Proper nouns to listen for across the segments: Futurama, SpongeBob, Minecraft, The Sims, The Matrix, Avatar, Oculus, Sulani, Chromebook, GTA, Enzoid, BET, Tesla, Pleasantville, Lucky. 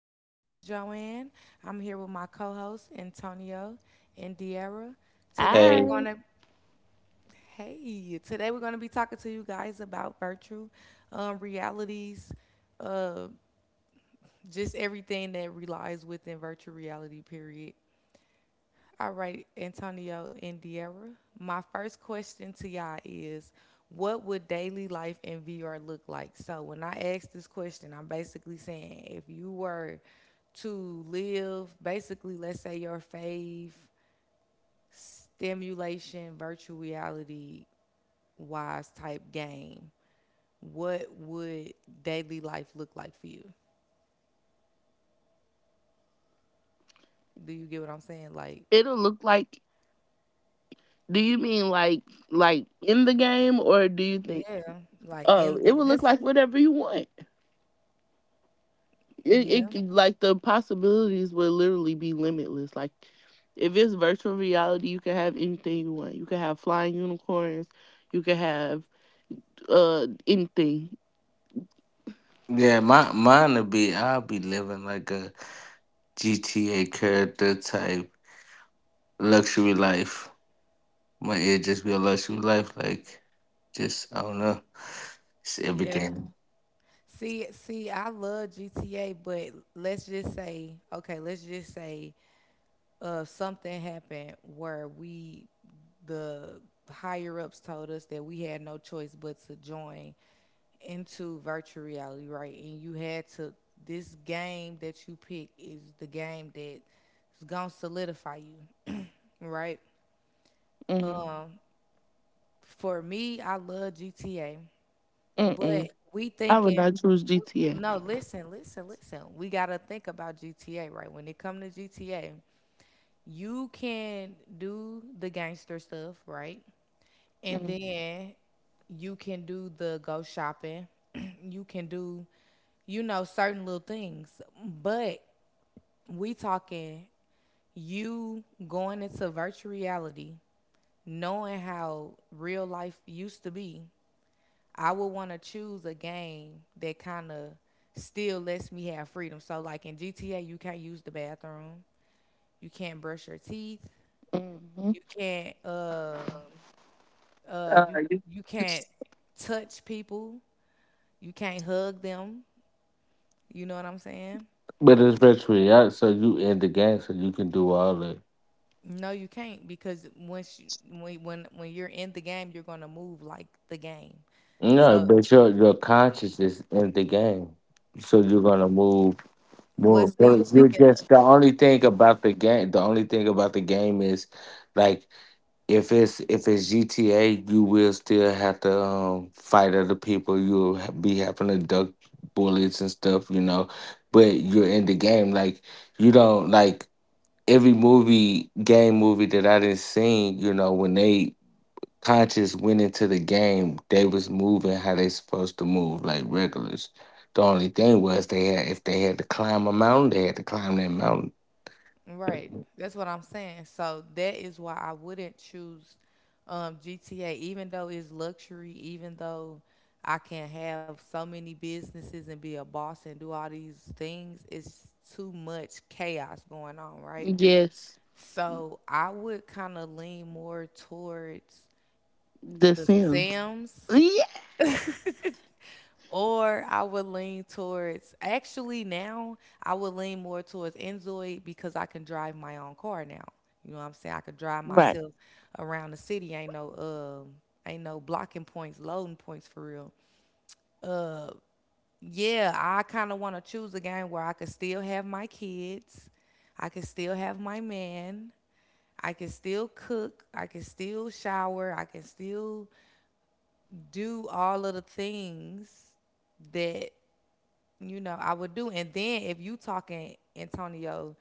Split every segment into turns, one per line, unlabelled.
host, Joanne. I'm here with my co host, Antonio and Diera. Today we're
Hey,
going
I
to, Hey, today we're going to be talking to you guys about virtual realities, uh, just everything that relies within virtual reality, period. All right, Antonio and Deara. My first question to y'all is what would daily life in VR look like? So when I ask this question, I'm basically saying if you were to live basically let's say your fave stimulation virtual reality wise type game, what would daily life look like for you? Do you get what I'm saying? Like
It'll look like, do you mean, like in the game, or do you think?
yeah, like
Oh,
in
it
the
would look
that's
like whatever you want.
Yeah.
Like, the possibilities would literally be limitless. Like, if it's virtual reality, you can have anything you want. You can have flying unicorns, you can have anything.
yeah, my mine would be I'll be living like a GTA character type luxury life. My It just be a luxury life, like just I don't know, just
Yeah.
everything.
See, I love GTA, but let's just say, okay, let's just say, something happened where we, the higher ups told us that we had no choice but to join into virtual reality, right? And you had to. This game that you pick is the game that's gonna solidify you, right?
Mm-hmm.
Um, for me, I love GTA.
Mm-mm.
But we
I would
thinking,
not choose GTA.
no, listen, listen, listen. We gotta think about GTA, right? When it come to GTA, you can do the gangster stuff, right? And then you can do the go shopping. You can do, you know, certain little things. But we talking you going into virtual reality, knowing how real life used to be. I would want to choose a game that kind of still lets me have freedom. So, like in GTA, you can't use the bathroom, you can't brush your teeth,
Mm-hmm.
you can't, um uh, you you can't touch people, you can't hug them. You know what I'm saying?
But it's virtually out, so you in the game, so you can do all it.
No, you can't because once you, when you're in the game, you're gonna move like the game.
No,
So,
but your consciousness in the game, so you're gonna move.
what's so you
You're
thinking
just the only thing about the game. The only thing about the game is like. If it's GTA, you will still have to fight other people. You'll be having to duck bullets and stuff. But you're in the game, like you don't, like every movie, game movie that I didn't seen. You know, when they conscious went into the game, they was moving how they supposed to move, like regulars. The only thing was they had if they had to climb a mountain, they had to climb that mountain.
Right. That's what I'm saying. So that is why I wouldn't choose GTA, even though it's luxury, even though I can have so many businesses and be a boss and do all these things. It's too much chaos going on, right?
Yes.
So I would kind of lean more towards
The
The
Sims.
Sims.
Yeah.
Or I would lean towards actually now I would lean more towards Enzoid because I can drive my own car now. You know what I'm saying? I can drive
Right.
myself around the city. Ain't no blocking points, loading points for real. Yeah, I kinda wanna choose a game where I could still have my kids, I could still have my man, I can still cook, I can still shower, I can still do all of the things that, you know, I would do. And then if you talking Antonio,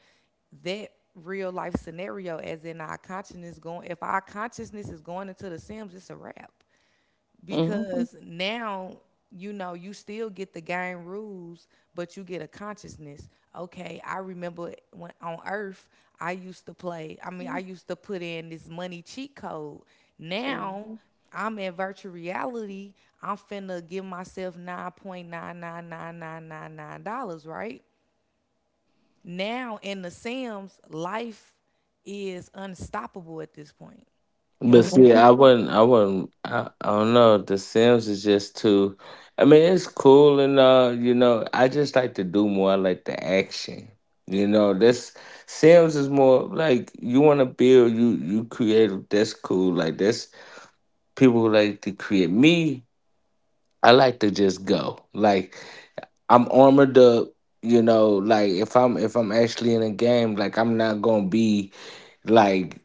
that real life scenario, as in our consciousness going, if our consciousness is going into the Sims, it's a wrap
Mm-hmm.
because now you know you still get the game rules but you get a consciousness. Okay, I remember when on earth I used to play, I mean I used to put in this money cheat code. Now I'm in virtual reality, I'm finna give myself $9.9999999 999,999, right? Now in the Sims life is unstoppable at this point. You
But
can
see,
Mm-hmm.
do,
I wouldn't. I don't know. The Sims is just too. I mean, it's cool and, you know. I just like to do more. I like the action. You know, this Sims is more like you want to build. You create. That's cool. Like that's people who like to create. Me, I like to just go. Like I'm armored up. You know, like if I'm actually in a game, like I'm not gonna be like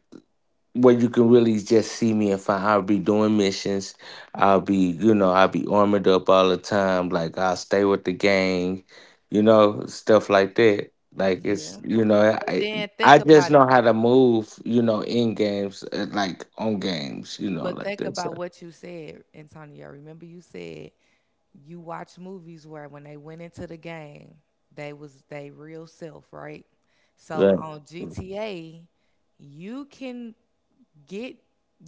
where you can really just see me and find I'll be doing missions. I'll be armored up all the time. Like I'll stay with the gang, stuff like that. Like it's
yeah,
you know,
but then think
I just
about it.
know how to move, in games, like on games,
But
like
think
that
about
stuff.
what you said, Antonio. Remember you said you watch movies where when they went into the game, they was they real self, right? So
Right.
on GTA, you can get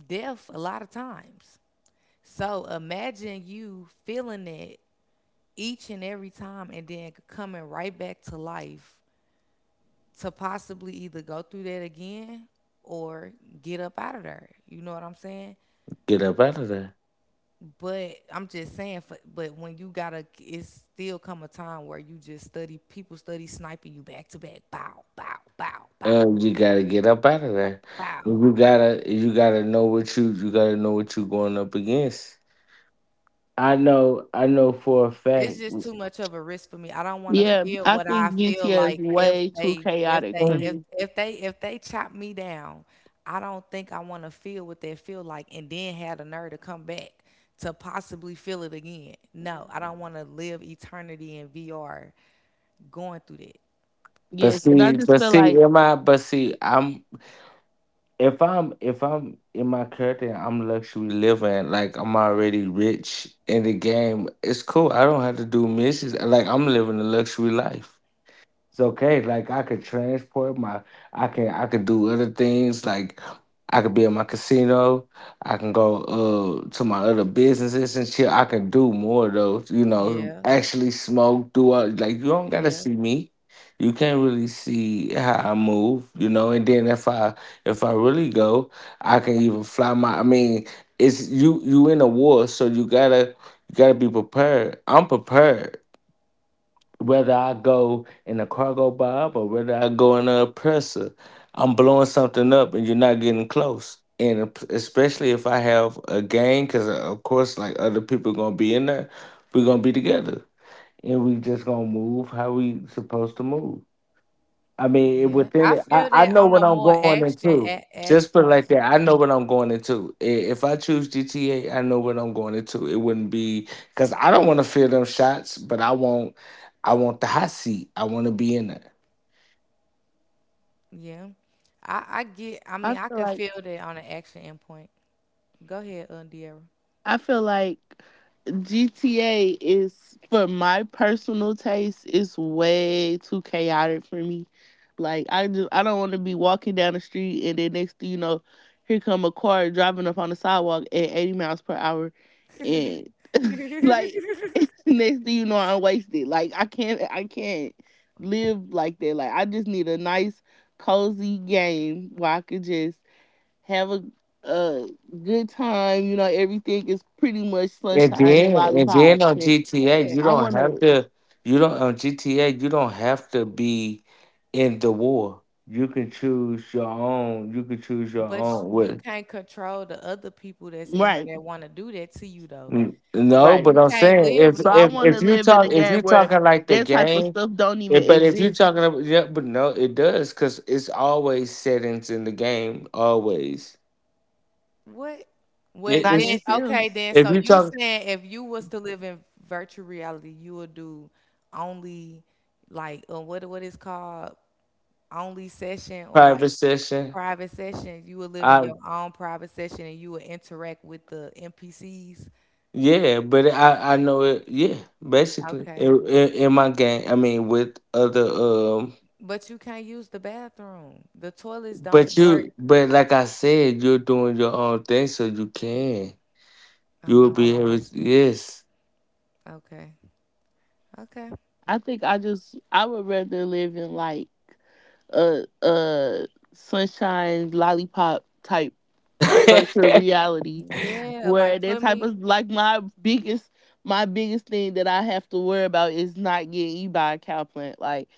death a lot of times. So imagine you feeling it each and every time and then coming right back to life to possibly either go through that again or get up out of there. You know what I'm saying?
Get up out of there.
But I'm just saying, for, but when you gotta, it's still come a time where you just study, people study sniping you back to back, bow, bow, bow, bow,
You gotta get up out of there.
bow.
You gotta know what you gotta know what you're going up against. I know for a
It's
fact.
just too much of a risk for me. I don't want to
Yeah,
feel
I
what I
think
feel
GTA is
like if
way too
they,
chaotic for me.
if they, if they chop me down. I don't think I want to feel what they feel like, and then have the nerve to come back to possibly feel it again. No, I don't want to live eternity in VR going through that.
But
Yes, and I
see,
just
but
feel
see,
like
in my. I'm. If I'm in my character, I'm luxury living. Like I'm already rich in the game. It's cool. I don't have to do missions. Like I'm living a luxury life. It's okay. Like I could transport my. I could do other things. Like I could be in my casino. I can go to my other businesses and shit. I can do more of those. You know,
Yeah,
actually smoke. Do all like you don't gotta
yeah.
see me. You can't really see how I move. You know, and then if I really go, I can even fly my. I mean, it's you in a war, so you gotta be prepared. I'm prepared whether I go in a cargo bob or whether I go in a oppressor, I'm blowing something up and you're not getting close. And especially if I have a gang, because of course, like other people gonna be in there, we're gonna be together and we just gonna move how we supposed to move. I mean,
Yeah,
within
I
it, I,
feel
I
that
know
on a
what I'm
more
going
action
into.
a- ass
Just put it
point.
like that. I know what I'm going into. If I choose GTA, I know what I'm going into. It wouldn't be because I don't want to feel them shots, but I want the hot seat. I want to be in it.
Yeah, I get. I mean,
I
I
feel
could
like
feel that on an action endpoint. Go ahead, Undiera.
I feel like GTA is, for my personal taste, is way too chaotic for me. Like, I just I don't want to be walking down the street, and then next thing you know, here come a car driving up on the sidewalk at 80 miles per hour. And, like, next thing you know, I'm wasted. Like, I can't live like that. Like, I just need a nice cozy game where I could just have a good time. You know, everything is pretty much
And
sunshine and
then, and then
lollipops.
on
And
GTA, you
I
Yeah,
don't
wanna.
have to. You don't on GTA. You don't have to be in the war. You can choose your own. You can choose your
but
own.
you can't control the other people that's in there
Right,
that want to do that to you, though.
No,
right.
but
You
I'm
can't
saying
live
So I wanna
if
normal.
you
live in a
talk if you
game where
talking like the
that type of
game,
stuff don't even
if, but if you
exist.
talking about, yeah, but no, it does, because it's always settings in the game. Always.
What? Well,
It-
Not in
then,
it's
okay,
Sims.
then.
if
So
you
you
talk
saying if you was to live in virtual reality, you would do only like what is called only session or
private
like
session.
private session, you will live in
I
your own private session and you will interact with the NPCs.
Yeah, but I know it. Yeah, basically
Okay.
in my game. I mean with other,
But you can't use the bathroom. The toilets
but
don't work.
you but like I said, you're doing your own thing, so
I'm
you'll be able to,
hollering.
yes.
Okay. Okay.
I think I would rather live in, like, a sunshine lollipop type virtual reality
Yeah,
where
like
that
put
type
me,
of, like, my biggest thing that I have to worry about is not getting eaten by a cow plant. Like,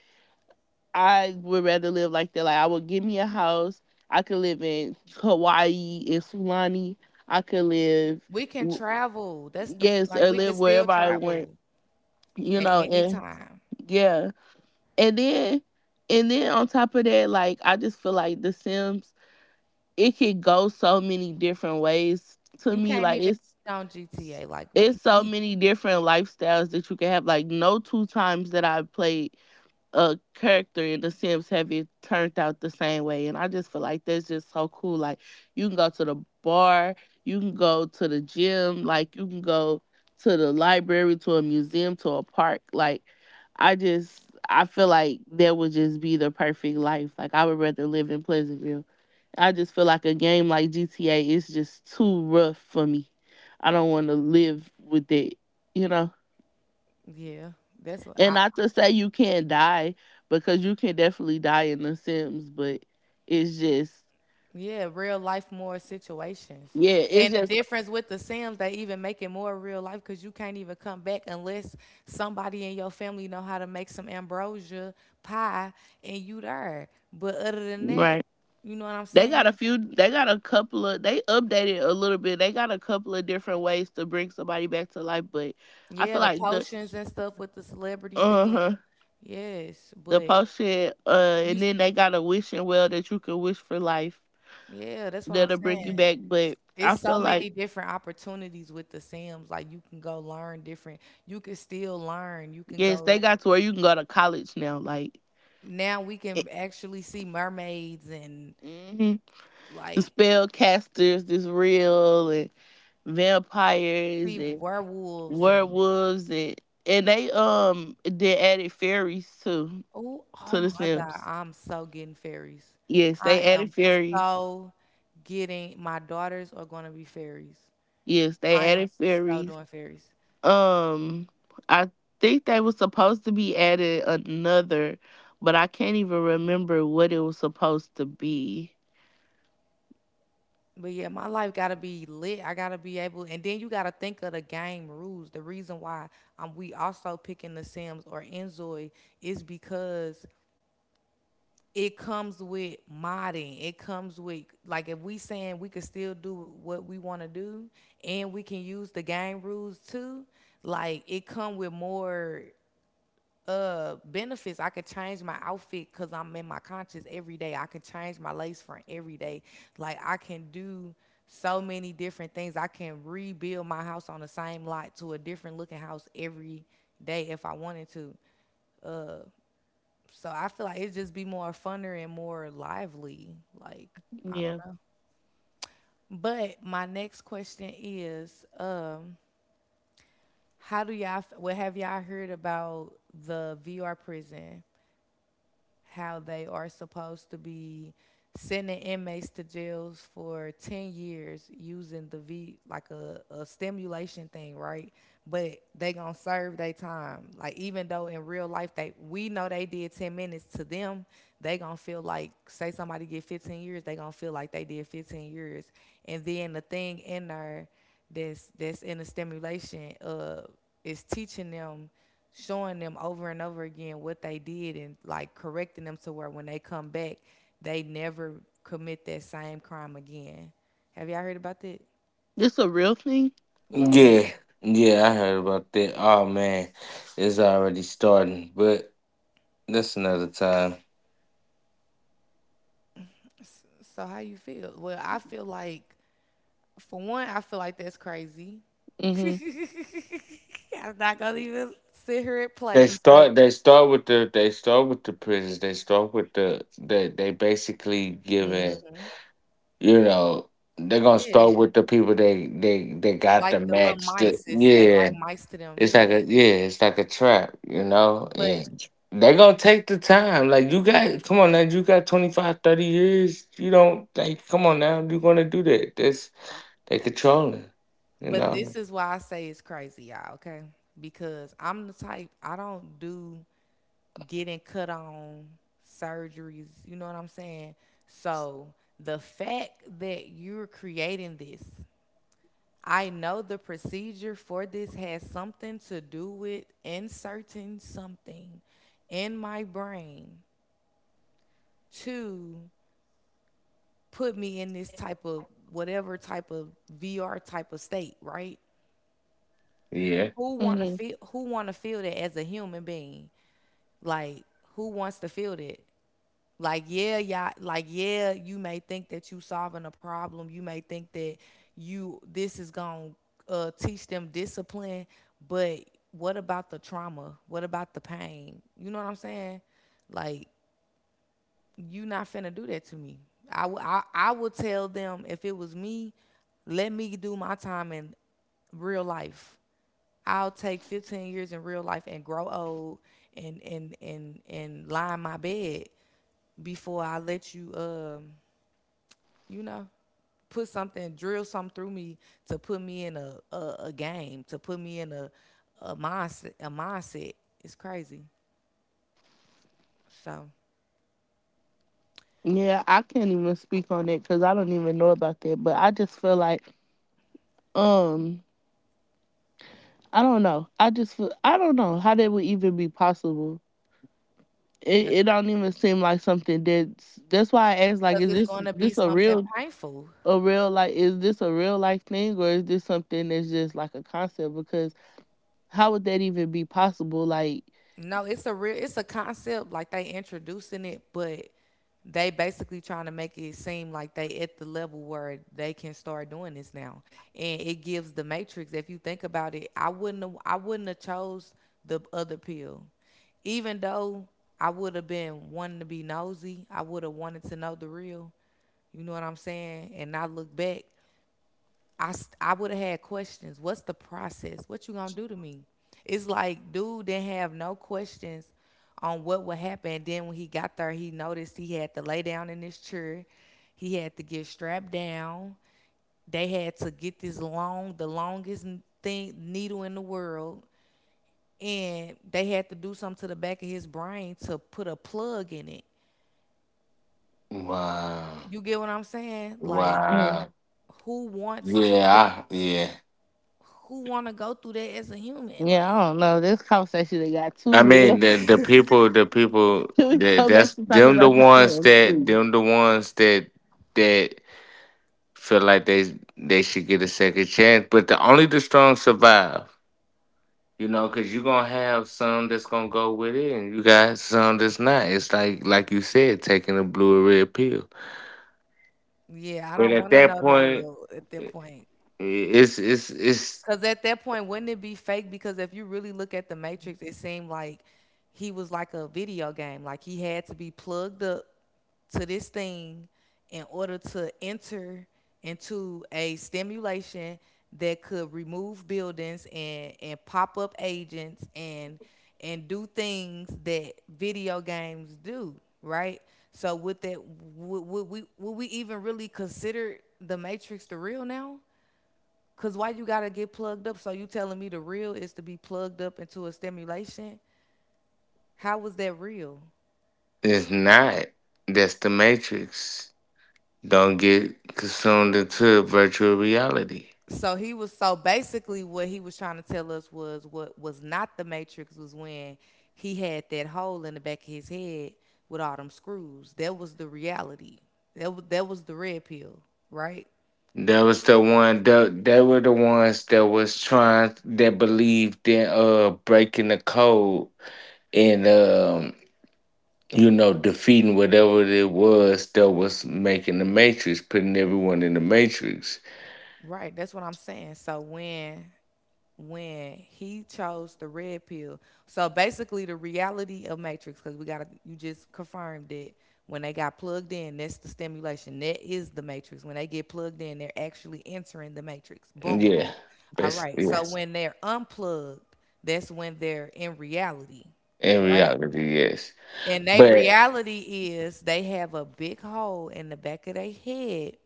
I would rather live like that. Like, I would, give me a house. I could live in Hawaii, in Sulani. I could live
we can
w-
travel. That's the,
yes,
like
or
we can
live
still
wherever I want,
travel
you
at
know,
any
and
time.
yeah. And then and then on top of that, like, I just feel like The Sims, it could go so many different ways to
You
me.
can't
Like,
even
it's
eat on GTA. Like we
it's
can
so
eat.
many different lifestyles that you can have. Like, no two times that I played a character in The Sims have it turned out the same way, and I just feel like that's just so cool. Like, you can go to the bar, you can go to the gym, like, you can go to the library, to a museum, to a park, like, i just I feel like that would just be the perfect life. Like, I would rather live in Pleasantville. I just feel like a game like GTA is just too rough for me. I don't want to live with it, you know?
Yeah. That's what
And
I,
not to say you can't die, because you can definitely die in The Sims, but it's just,
Yeah, real life more situations.
yeah, it's
And the
just.
difference with the Sims, they even make it more real life because you can't even come back unless somebody in your family know how to make some ambrosia pie and you there. But other than that,
Right.
you know what I'm
They got a
saying?
few, they got a couple of, they updated a little bit. They got a couple of different ways to bring somebody back to life, but I
Yeah,
feel
the
like the,
potions and stuff with the celebrity
uh
thing.
huh,
Yes,
the potion,
you,
and
s-
then they got a wishing well that you can wish for life
yeah, that's what I'm
that'll bring you
saying.
back. But I
It's so
feel like,
many different opportunities with the Sims. Like you can go learn different. You can still learn. You can
yes,
go,
they got to where you can go to college now. Like,
now we can actually see mermaids and
mm the
like
spellcasters is real, and vampires
see
and
werewolves and
werewolves, and they added fairies too
oh oh
to The
my god
Sims.
I'm so getting fairies,
Yes, they
I am
added fairies.
so getting my daughters are going to be fairies,
Yes, they
I am
added
so
fairies.
doing fairies.
Um, I think they was supposed to be added another, but I can't even remember what it was supposed to be.
But yeah, my life gotta be lit, I gotta be able. And then you gotta think of the game rules, the reason why we also picking the Sims or Enzoy is because it comes with modding. It comes with, like if we saying we could still do what we want to do and we can use the game rules too, like it come with more benefits. I could change my outfit cuz I'm in my conscience every day. I can change my lace front every day. Like I can do so many different things. I can rebuild my house on the same lot to a different looking house every day if I wanted to. So I feel like it'd just be more funner and more lively. Like, I don't
Yeah.
know. But my next question is, how do y'all? What have y'all heard about the VR prison? How they are supposed to be sending inmates to jails for 10 years using the V like a stimulation thing, right? But they gonna serve their time. Like even though in real life they we know they did 10 minutes to them, they gonna feel like say somebody get 15 years, they gonna feel like they did 15 years. And then the thing in there that's in the stimulation is teaching them, showing them over and over again what they did and like correcting them to where when they come back they never commit that same crime again. Have y'all heard about that?
It's a real thing.
Yeah.
Yeah, yeah, I heard about that. Oh man, it's already starting, but that's another time.
So how you feel? Well, I feel like for one I feel like that's crazy.
Mhm.
I'm not gonna even sit here and play because
They start with the prisons. They start with the. They basically giving.
hmm,
You know, they're gonna
yeah,
start with the people they got
like
the
the little
max.
mice is, they
Yeah,
like mice to them,
it's
yeah.
like a, yeah, it's like a trap. You know,
but
and they're gonna take the time. Like you got, come on now, you got 25, 30 years. You don't like, come on now, you gonna do that? That's. They controlling, you
But
know.
this is why I say it's crazy, y'all, okay? Because I'm the type, I don't do getting cut on surgeries, you know what I'm saying? So the fact that you're creating this, I know the procedure for this has something to do with inserting something in my brain to put me in this type of whatever type of VR type of state, right?
Yeah.
who want to
Mhm.
feel who want to feel that as a human being? Like who wants to feel that? Like yeah yeah, like yeah, you may think that you solving a problem, you may think that you this is going to teach them discipline, but what about the trauma, what about the pain, you know what I'm saying? Like you not finna do that to me. I would tell them if it was me, let me do my time in real life. I'll take 15 years in real life and grow old and and lie in my bed before I let you you know put something drill something through me to put me in a game to put me in a mindset. It's crazy. So
Yeah, I can't even speak on it because I don't even know about that. But I just feel like, um, I don't know. I just feel, I don't know how that would even be possible. It
that's
it don't even seem like something that's why I asked, like,
because
is
it's
this
going to be
this a
something
real,
painful.
like, is this a real life thing, or is this something that's just like a concept? Because how would that even be possible? Like.
No, it's a real, it's a concept like they introducing it, but they basically trying to make it seem like they at the level where they can start doing this now. And it gives the matrix. If you think about it, I wouldn't have chose the other pill. Even though I would have been wanting to be nosy, I would have wanted to know the real. You know what I'm saying? And not look back. I, I would have had questions. What's the process? What you gonna do to me? It's like dude didn't have no questions on what would happen. Then when he got there, he noticed he had to lay down in this chair. He had to get strapped down. They had to get this long, the longest thing needle in the world, and they had to do something to the back of his brain to put a plug in it.
Wow.
You get what I'm saying? Like,
Mhm.
Wow.
who wants to?
Yeah. Yeah.
Who want to go through that as a human?
Yeah,
Like.
I don't know. This conversation that got
I
too
mean,
real.
the people
Can we
that
go back
that's
to talking
them, the
about the
ones
Sharon's
that
free?
them the ones that that feel like they should get a second chance. But the only the strong survive. You know, cause you're gonna have some that's gonna go with it and you got some that's not. It's like you said, taking a blue or red pill.
Yeah, I
But
don't
at
want to
that
know the
point,
real at that
i-
point.
i- it's it's it's
Because at that point, wouldn't it be fake? Because if you really look at the Matrix, it seemed like he was like a video game. Like he had to be plugged up to this thing in order to enter into a stimulation that could remove buildings and pop up agents and do things that video games do, right? So would that would we even really consider the Matrix the real now? Cause why you gotta get plugged up? So you telling me the real is to be plugged up into a stimulation? How was that real?
It's not. That's the Matrix. Don't get consumed into virtual reality.
So basically what he was trying to tell us was what was not the matrix was when he had that hole in the back of his head with all them screws. That was the reality. That was the red pill, right?
That was the one. That they were the ones that was trying. That believed in breaking the code and defeating whatever it was that was making the Matrix, putting everyone in the Matrix.
Right, that's what I'm saying. So when he chose the red pill, so basically the reality of matrix, because we got, you just confirmed it, when they got plugged in, that's the stimulation, that is the matrix. When they get plugged in they're actually entering the matrix. Boom.
Yeah,
All right.
basically
So
yes.
when they're unplugged, that's when they're in reality,
In
right?
reality, yes.
And they
But,
reality is they have a big hole in the back of their head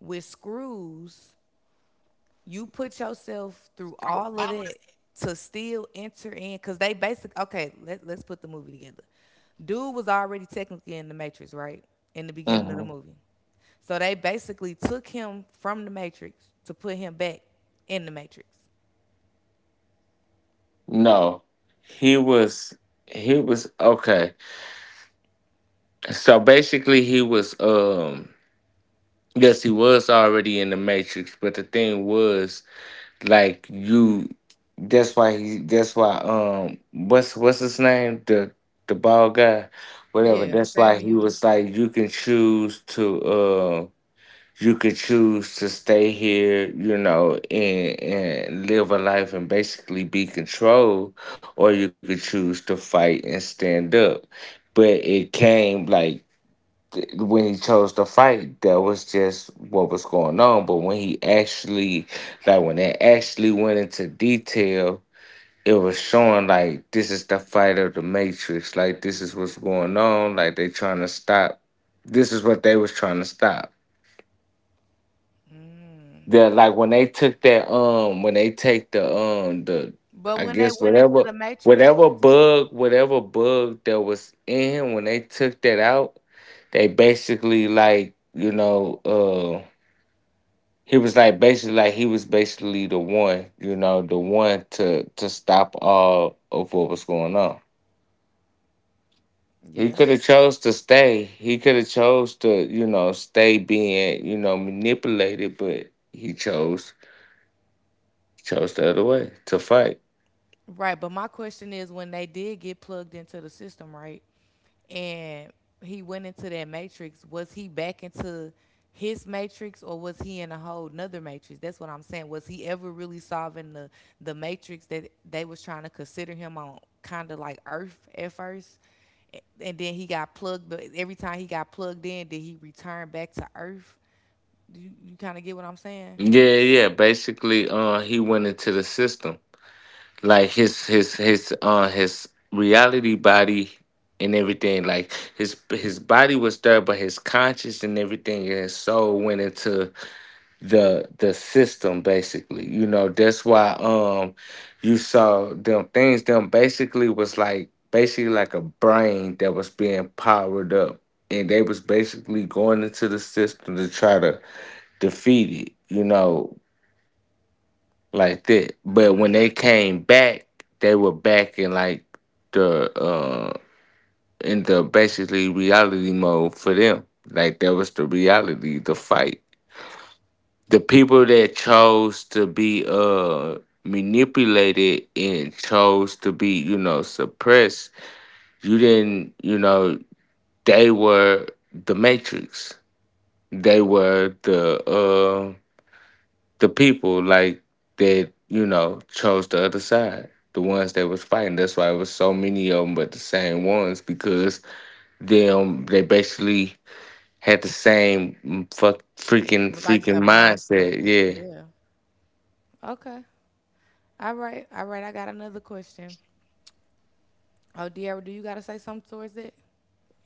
with screws. You put yourself through all of that to still enter in. Because they basic, okay, let's put the movie together. Dude was already technically in the Matrix, right? In the beginning of the
mhm.
movie. So they basically took him from the Matrix to put him back in the Matrix.
No, he was. He was okay. So basically, he was, yes, he was already in the Matrix, but the thing was like you. That's why he. That's why, what's his name, the bald guy, whatever.
Yeah,
That's why he
Samuel.
was like you can choose to, you could choose to stay here, you know, and live a life and basically be controlled, or you could choose to fight and stand up. But it came like, when he chose to fight, that was just what was going on. But when he actually, like when they actually went into detail, it was showing like this is the fight of the Matrix. Like this is what's going on. Like they trying to stop. This is what they was trying to stop. The, like when they took that, when they take the, the.
But
I
when they
guess
went into
whatever
the matrix,
whatever bug whatever bug that was in him, when they took that out, they basically like, he was like basically like he was basically the one, you know, the one to stop all of what was going on. He
yeah,
could have chose to stay. He could have chose to, stay being, manipulated, but he chose the other way to fight.
right. But my question is, when they did get plugged into the system, right, and he went into that matrix, was he back into his matrix or was he in a whole nother matrix? That's what I'm saying. Was he ever really solving the matrix that they was trying to consider him on, kind of like Earth at first? And then he got plugged. But every time he got plugged in, did he return back to Earth? Do you kind of get what I'm saying?
Yeah, yeah. Basically, he went into the system, like his reality body and everything, like his body was there, but his conscience and everything and his soul went into the system, basically. You know, that's why, you saw them things. Them basically was like basically like a brain that was being powered up, and they was basically going into the system to try to defeat it, you know, like that. But when they came back, they were back in, like the in the basically reality mode for them. Like that was the reality, the fight. The people that chose to be, manipulated, and chose to be suppressed, you didn't they were the matrix. They were the people, like that chose the other side, the ones that was fighting. That's why it was so many of them, but the same ones, because them, they basically had the same, fuck, freaking
Like the
freaking mindset.
mindset.
Yeah,
Yeah. Okay. All right. All right. I got another question. Oh, Dear, do you got to say something towards it?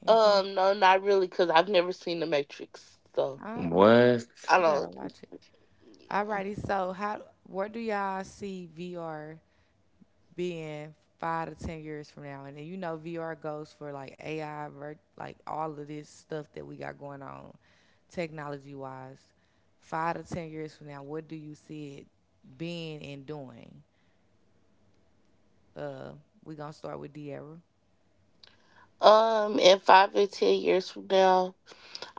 Anything?
No, not really, because I've never seen The Matrix, so
Oh, okay.
what.
I
You got to
don't.
watch it. All
Yeah.
righty. So, how, where do y'all see VR being 5 to 10 years from now? And then you know, VR goes for like AI, like all of this stuff that we got going on technology wise. 5 to 10 years from now, what do you see it being and doing? Uh, we going to start with Dear.
In 5 to 10 years from now,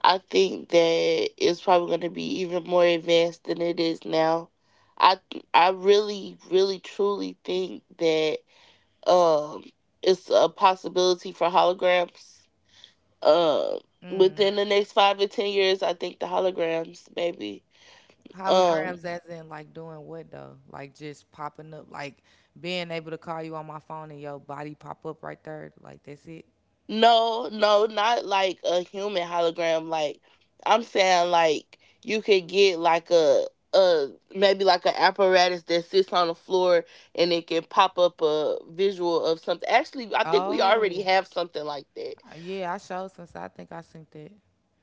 I think that it's probably going to be even more advanced than it is now. I I really, really, truly think that, um, it's a possibility for holograms. Um, Within the next 5 to 10 years, I think the holograms maybe.
Holograms,
Um,
as in like doing what though? Like just popping up, like being able to call you on my phone and your body pop up right there. Like that's it.
No, no, not like a human hologram. Like, I'm saying, like, you could get, like, a maybe like an apparatus that sits on the floor, and it can pop up a visual of something. Actually, I think we already
Oh,
have something like that.
Yeah, I showed since I think I sent that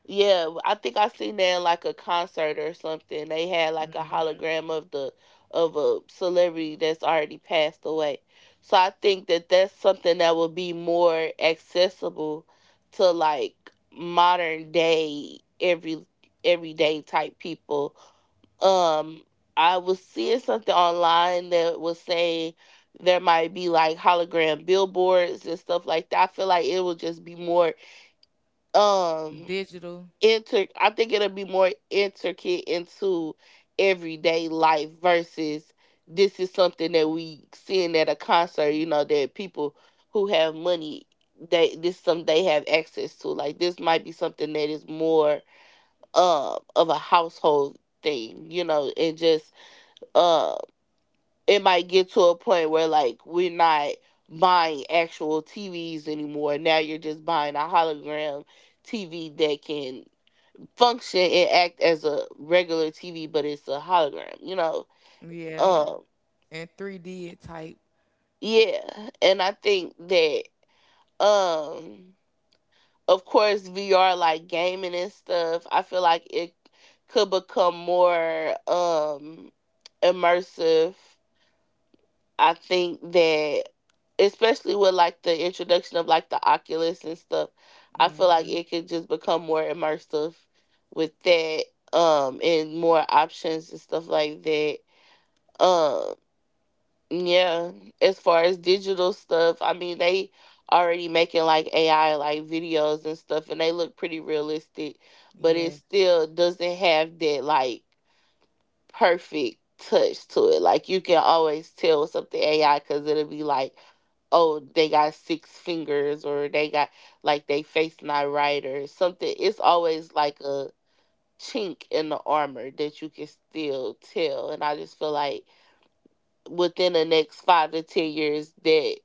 Yeah, I think I seen that in, like, a concert or something. They had like a hologram of the of a celebrity that's already passed away. So I think that that's something that would be more accessible to, like, modern day everyday type people. Um I was seeing something online that was saying there might be like hologram billboards and stuff like that. I feel like it would just be more, um
digital.
inter I think it'll be more intricate into everyday life versus this is something that we seeing at a concert, you know, that people who have money, they this some they have access to. Like, this might be something that is more of a household thing, you know, and just uh it might get to a point where, like, we're not buying actual TVs anymore. Now you're just buying a hologram TV that can function and act as a regular TV, but it's a hologram, you know.
Yeah,
Um,
and 3D type.
yeah, and I think that, um, of course, VR, like, gaming and stuff. I feel like it could become more immersive. I think that, especially with, like, the introduction of, like, the Oculus and stuff, I feel like
Mm-hmm.
it could just become more immersive with that, and more options and stuff like that. Um, yeah, as far as digital stuff, I mean, they already making like AI like videos and stuff, and they look pretty realistic, but it
Yes.
still doesn't have that, like, perfect touch to it. Like, you can always tell what's up the AI, cuz it'll be like, "Oh, they got six fingers, or they got, like, they face not right or something." It's always like a chink in the armor that you can still tell, and I just feel like within the next 5 to 10 years, that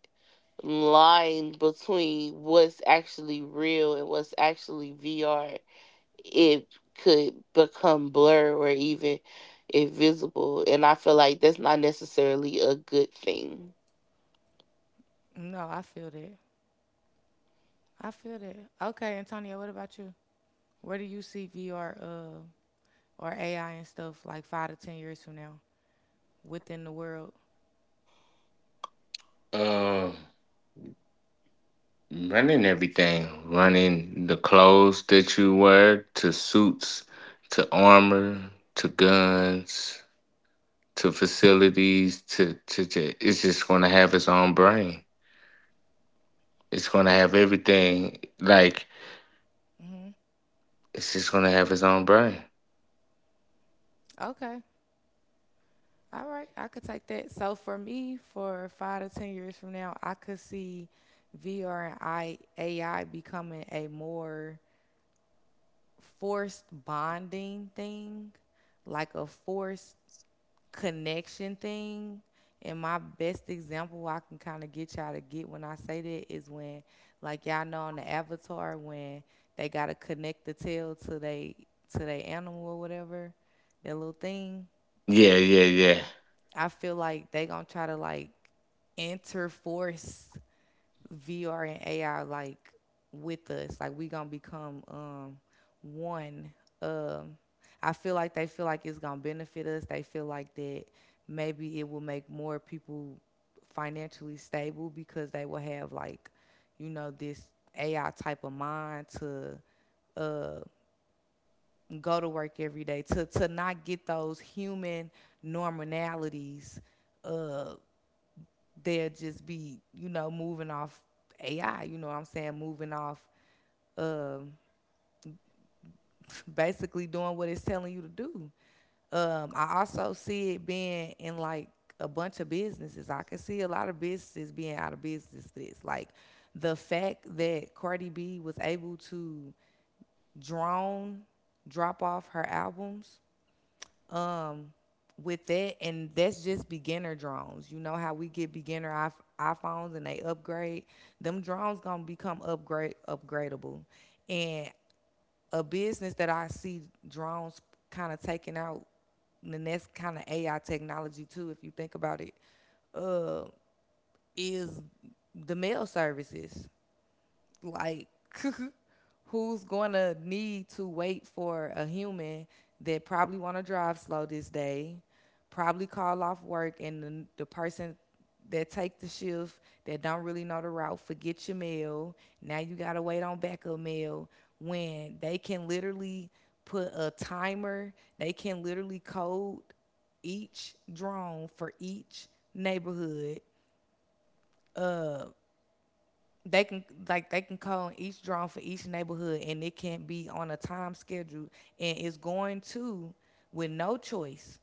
line between what's actually real and what's actually VR, it could become blur or even invisible, and I feel like that's not necessarily a good thing.
No, I feel that. I feel that. Okay, Antonio, what about you? Where do you see VR or AI and stuff like 5 to 10 years from now within the world?
uh Running everything, running the clothes that you wear to suits, to armor, to guns, to facilities, to it's just going to have its own brain. It's gonna have everything. Like it's just gonna have its own brain.
Okay. All right, I could take that. So for me, for 5 to 10 years from now, I could see VR and AI becoming a more forced bonding thing, like a forced connection thing. And my best example I can kind of get y'all to get when I say that is when, like y'all know on the Avatar, when they gotta connect the tail to they animal or whatever, that little thing.
Yeah, yeah, yeah,
I feel like they gonna try to like interforce VR and AI like with us. Like we gonna become one. Um I feel like they feel like it's gonna benefit us. They feel like that maybe it will make more people financially stable because they will have like, you know, this AI type of mind to uh, go to work every day, to not get those human normalities, uh, they'll just be, you know, moving off AI, you know what I'm saying? Moving off um, basically doing what it's telling you to do. I also see it being in like a bunch of businesses. I can see a lot of businesses being out of business for this. Like the fact that Cardi B was able to drone drop off her albums, um, with that, and that's just beginner drones. You know how we get beginner iPhones and they upgrade. Them drones gonna become upgrade upgradable, and a business that I see drones kind of taking out, and that's kind of AI technology too. If you think about it, uh, is the mail services, like who's going to need to wait for a human that probably want to drive slow this day, probably call off work, and the person that take the shift that don't really know the route forget your mail, now you got to wait on backup mail, when they can literally put a timer, they can literally code each drone for each neighborhood. uh, they can like they can call each drone for each neighborhood and it can be on a time schedule, and it's going to, with no choice,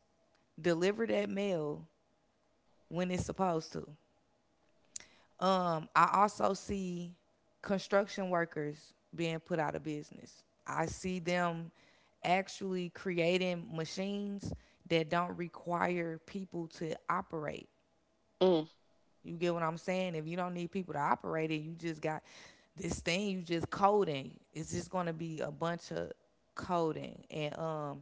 deliver that mail when it's supposed to. I also see construction workers being put out of business. I see them actually creating machines that don't require people to operate.
Mm,
You get what I'm saying? If you don't need people to operate it, you just got this thing you just coding. It's just gonna be a bunch of coding and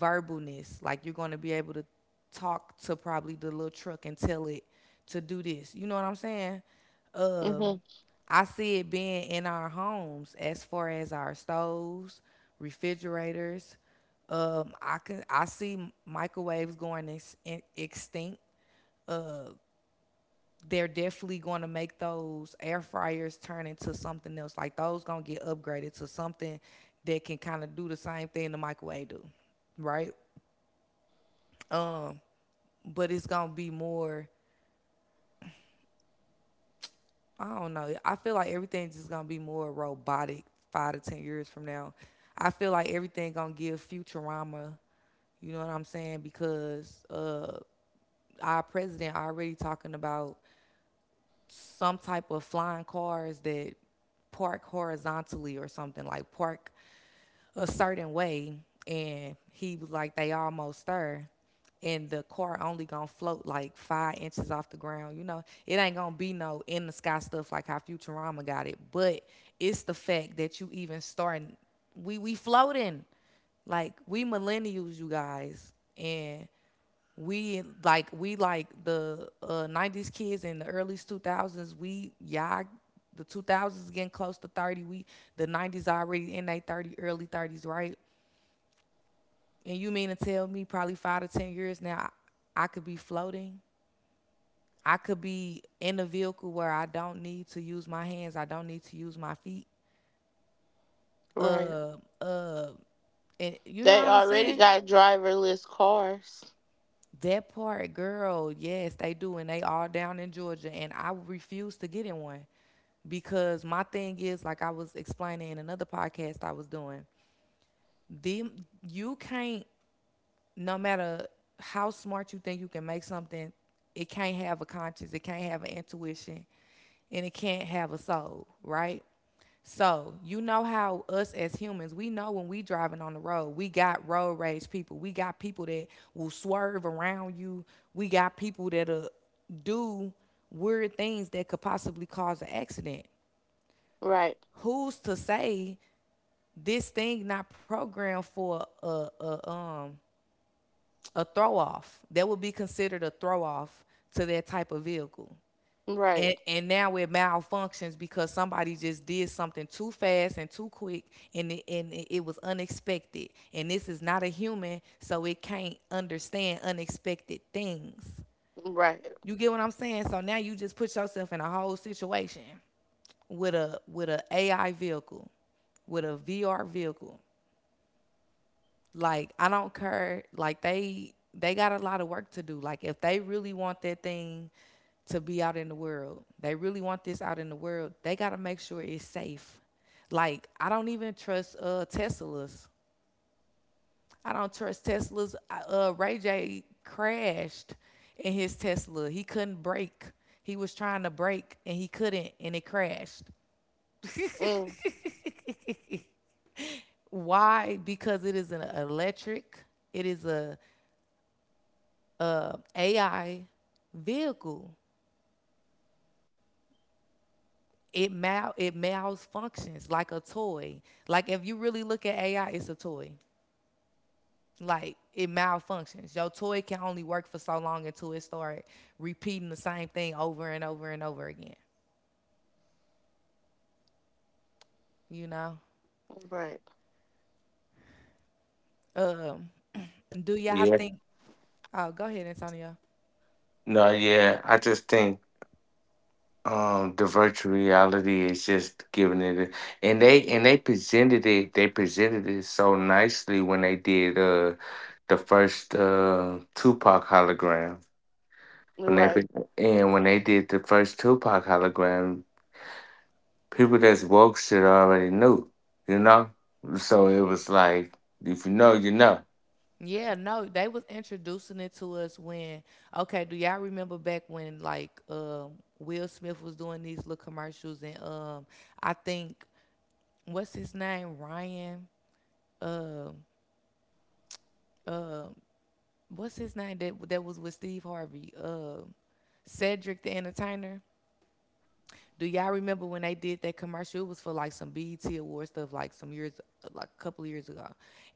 verbalness. Like you're gonna be able to talk to probably the little truck and tell it to do this. You know what I'm saying? Um
mhm.
I see it being in our homes as far as our stoves, refrigerators. I see microwaves going extinct. They're definitely going to make those air fryers turn into something else. Like those going to get upgraded to something that can kind of do the same thing the microwave do, right? But it's going to be more. I don't know. I feel like everything's just gonna be more robotic 5 to 10 years from now. I feel like everything gonna give Futurama. You know what I'm saying? Because our president already talking about some type of flying cars that park horizontally or something, like park a certain way, and he was like, they almost stir, and the car only gonna float like 5 inches off the ground. You know, it ain't gonna be no in the sky stuff like how Futurama got it, but it's the fact that you even starting. We floating, like we millennials, you guys, and we like the 90s kids and the early 2000s. We y'all, the 2000s getting close to 30, we, the 90s already in their 30, early 30s, right? And you mean to tell me probably 5 to 10 years now, I could be floating, I could be in a vehicle where I don't need to use my hands, I don't need to use my feet,
Right.
uh uh and you know
They
what I'm
already
saying.
got driverless cars.
That part, girl, yes, they do, and they all down in Georgia, and I refuse to get in one. Because my thing is, like I was explaining in another podcast I was doing, them, you can't, no matter how smart you think you can make something, it can't have a conscience, it can't have an intuition, and it can't have a soul, right? So you know how us as humans, we know when we driving on the road, we got road rage people. We got people that will swerve around you. We got people that'll do weird things that could possibly cause an accident.
Right.
Who's to say this thing not programmed for a a throw off that would be considered a throw off to that type of vehicle
Right.
and now it malfunctions because somebody just did something too fast and too quick and it was unexpected, and this is not a human, so it can't understand unexpected things.
Right.
You get what I'm saying? So now you just put yourself in a whole situation with a AI vehicle, with a VR vehicle. Like, I don't care. Like they got a lot of work to do. Like if they really want that thing to be out in the world, they really want this out in the world, they got to make sure it's safe. Like I don't even trust Teslas. I don't trust Teslas. Ray J crashed in his Tesla. He couldn't brake. He was trying to brake and he couldn't, and it crashed.
Mm,
Why? Because it is an electric. It is a AI vehicle. It malfunctions like a toy. Like if you really look at AI, it's a toy. Like it malfunctions. Your toy can only work for so long until it start repeating the same thing over and over and over again. You know.
right.
Um, do y'all
yeah.
think? Oh, go ahead, Antonio.
No, yeah. I just think, the virtual reality is just giving it, and they presented it. They presented it so nicely when they did, the first, Tupac hologram. When they
Right.
pre- and when they did the first Tupac hologram, people that's woke shit already knew, you know. So it was like, if you know, you know.
Yeah, no, they was introducing it to us when. Okay, do y'all remember back when like Will Smith was doing these little commercials, and I think what's his name, Ryan, what's his name that was with Steve Harvey? Cedric the Entertainer. Do y'all remember when they did that commercial? It was for like some BET award stuff, like some years, like a couple of years ago.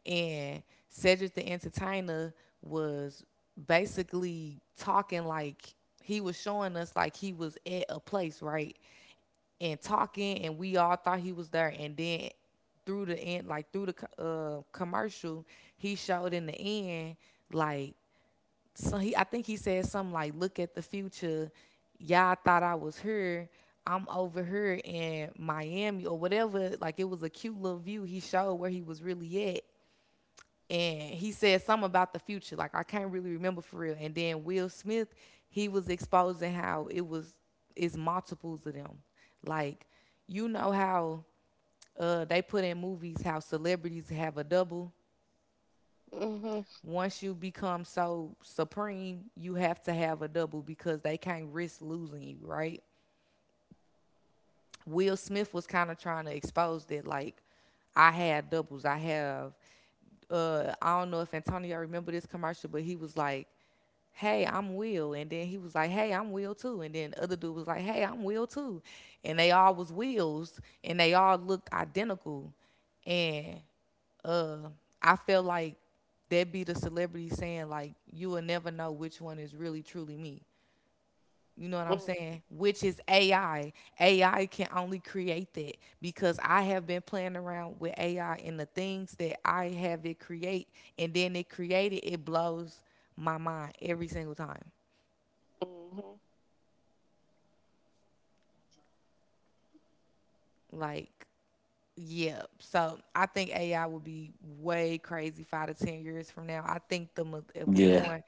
And Cedric the Entertainer was basically talking like he was showing us like he was at a place, right? And talking, and we all thought he was there. And then through the end, like through the commercial, he showed in the end, like, so he, I think he said something like, "Look at the future. Y'all thought I was here. I'm over here in Miami or whatever." Like it was a cute little view he showed where he was really at. And he said something about the future. Like I can't really remember for real. And then Will Smith, he was exposing how it was it's multiples of them. Like, you know how they put in movies how celebrities have a double,
Mhm.
once you become so supreme, you have to have a double because they can't risk losing you, right? Will Smith was kind of trying to expose that, like, I had doubles. I have, I don't know if Antonio remember this commercial, but he was like, hey, I'm Will. And then he was like, hey, I'm Will too. And then the other dude was like, hey, I'm Will too. And they all was Wills and they all looked identical. And uh I feel like that be the celebrity saying like you will never know which one is really truly me. You know what I'm
Mm,
saying? Which is AI. AI can only create that because I have been playing around with AI, and the things that I have it create, and then it created, it blows my mind every single time.
mhm.
Like, yeah. So I think AI will be way crazy 5 to 10 years from now. I think the mil-
Yeah.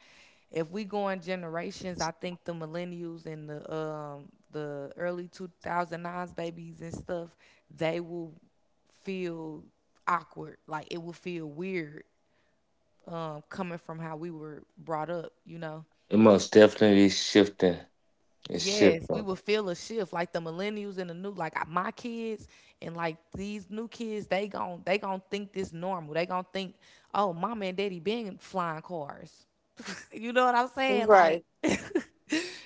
if we going generations, I think the millennials and the early 2000s nines babies and stuff, they will feel awkward. Like it will feel weird coming from how we were brought up, you know.
It most definitely shifting. It's
Yes, we
shifting.
will feel a shift like the millennials and the new, like my kids and like these new kids, they gon' think this normal. They gon' think, "Oh, mama and daddy been flying cars." You know what I'm saying? Like
Right.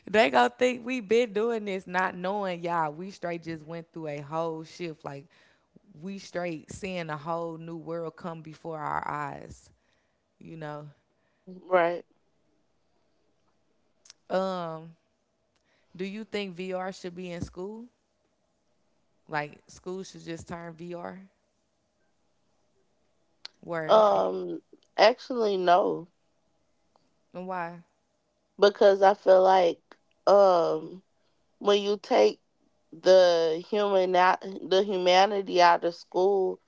they gon' think we been doing this not knowing y'all. We straight just went through a whole shift, like we straight seeing a whole new world come before our eyes, you know.
Right.
Um, do you think VR should be in school? Like school should just turn VR where it
Um, Actually, no,
and why?
because I feel like, um when you take the human out, the humanity out of school,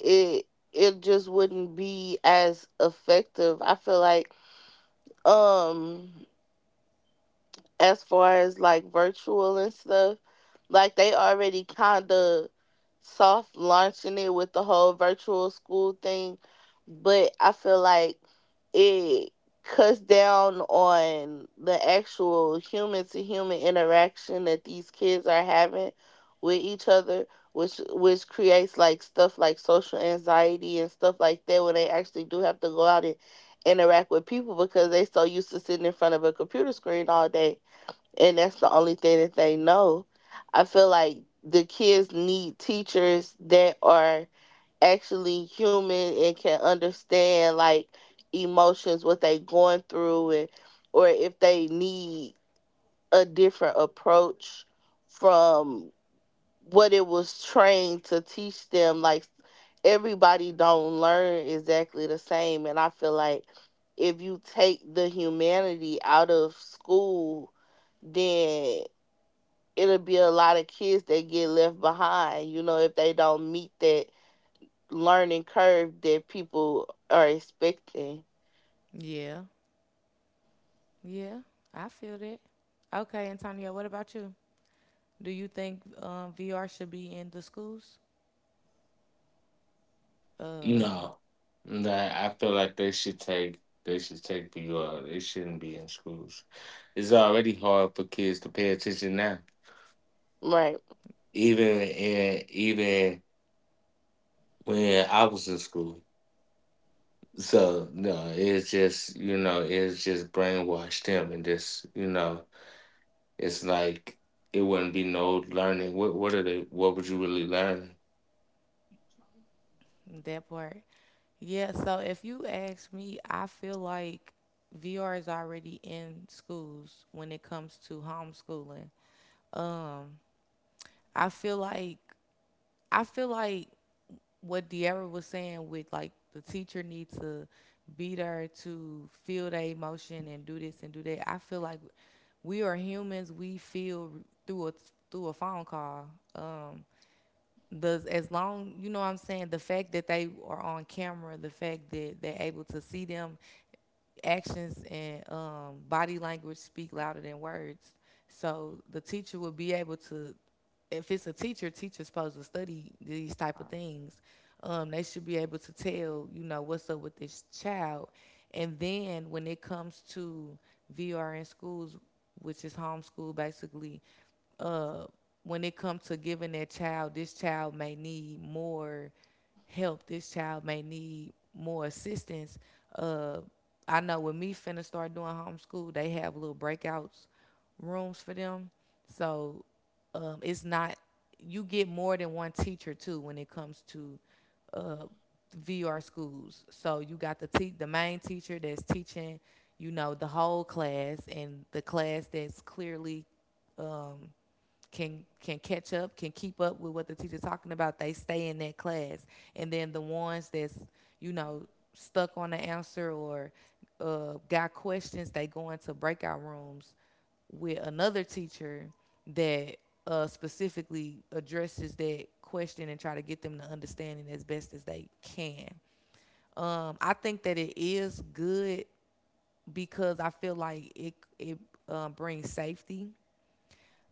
it it just wouldn't be as effective. I feel like, um as far as, like, virtual and stuff, like, they already kind of soft launching it with the whole virtual school thing, but I feel like it cuts down on the actual human to human interaction that these kids are having with each other, which creates, like, stuff like social anxiety and stuff like that when they actually do have to go out and interact with people, because they so used to sitting in front of a computer screen all day, and that's the only thing that they know. I feel like the kids need teachers that are actually human and can understand, like, emotions, what they going through, and, or if they need a different approach from what it was trained to teach them. Like, everybody don't learn exactly the same, and I feel like if you take the humanity out of school, then it'll be a lot of kids that get left behind, you know, if they don't meet that learning curve that people are expecting.
Yeah, yeah, I feel that. Okay, Antonio, what about you? Do you think VR should be in the schools? Uh,
No, that I feel like they should take, BR. They shouldn't be in schools. It's already hard for kids to pay attention now,
Right.
even even when I was in school. So no, it's just, it's just brainwashed them, and just, it's like it wouldn't be no learning. What are they? What would you really learn?
that part. Yeah, so if you ask me, I feel like VR is already in schools when it comes to homeschooling. I feel like I feel like what De'Ara was saying with like the teacher needs to be there to feel their emotion and do this and do that. I feel like we are humans. We feel through a phone call. Um, does, as long, you know what I'm saying, the fact that they are on camera, the fact that they're able to see them actions and body language speak louder than words. So the teacher will be able to, if it's a teacher, teacher's supposed to study these type of things. They should be able to tell, you know, what's up with this child. And then when it comes to VR in schools, which is homeschool basically, uh, when it comes to giving that child, this child may need more help. This child may need more assistance. Uh, I know when me finna start doing homeschool, they have little breakouts rooms for them. So it's not, you get more than one teacher too when it comes to uh, VR schools. So you got the te- the main teacher that's teaching, you know, the whole class, and the class that's clearly can catch up, can keep up with what the teacher's talking about, they stay in that class. And then the ones that's, you know, stuck on the answer, or got questions, they go into breakout rooms with another teacher that specifically addresses that question and try to get them to understand it as best as they can. I think that it is good because I feel like it brings safety,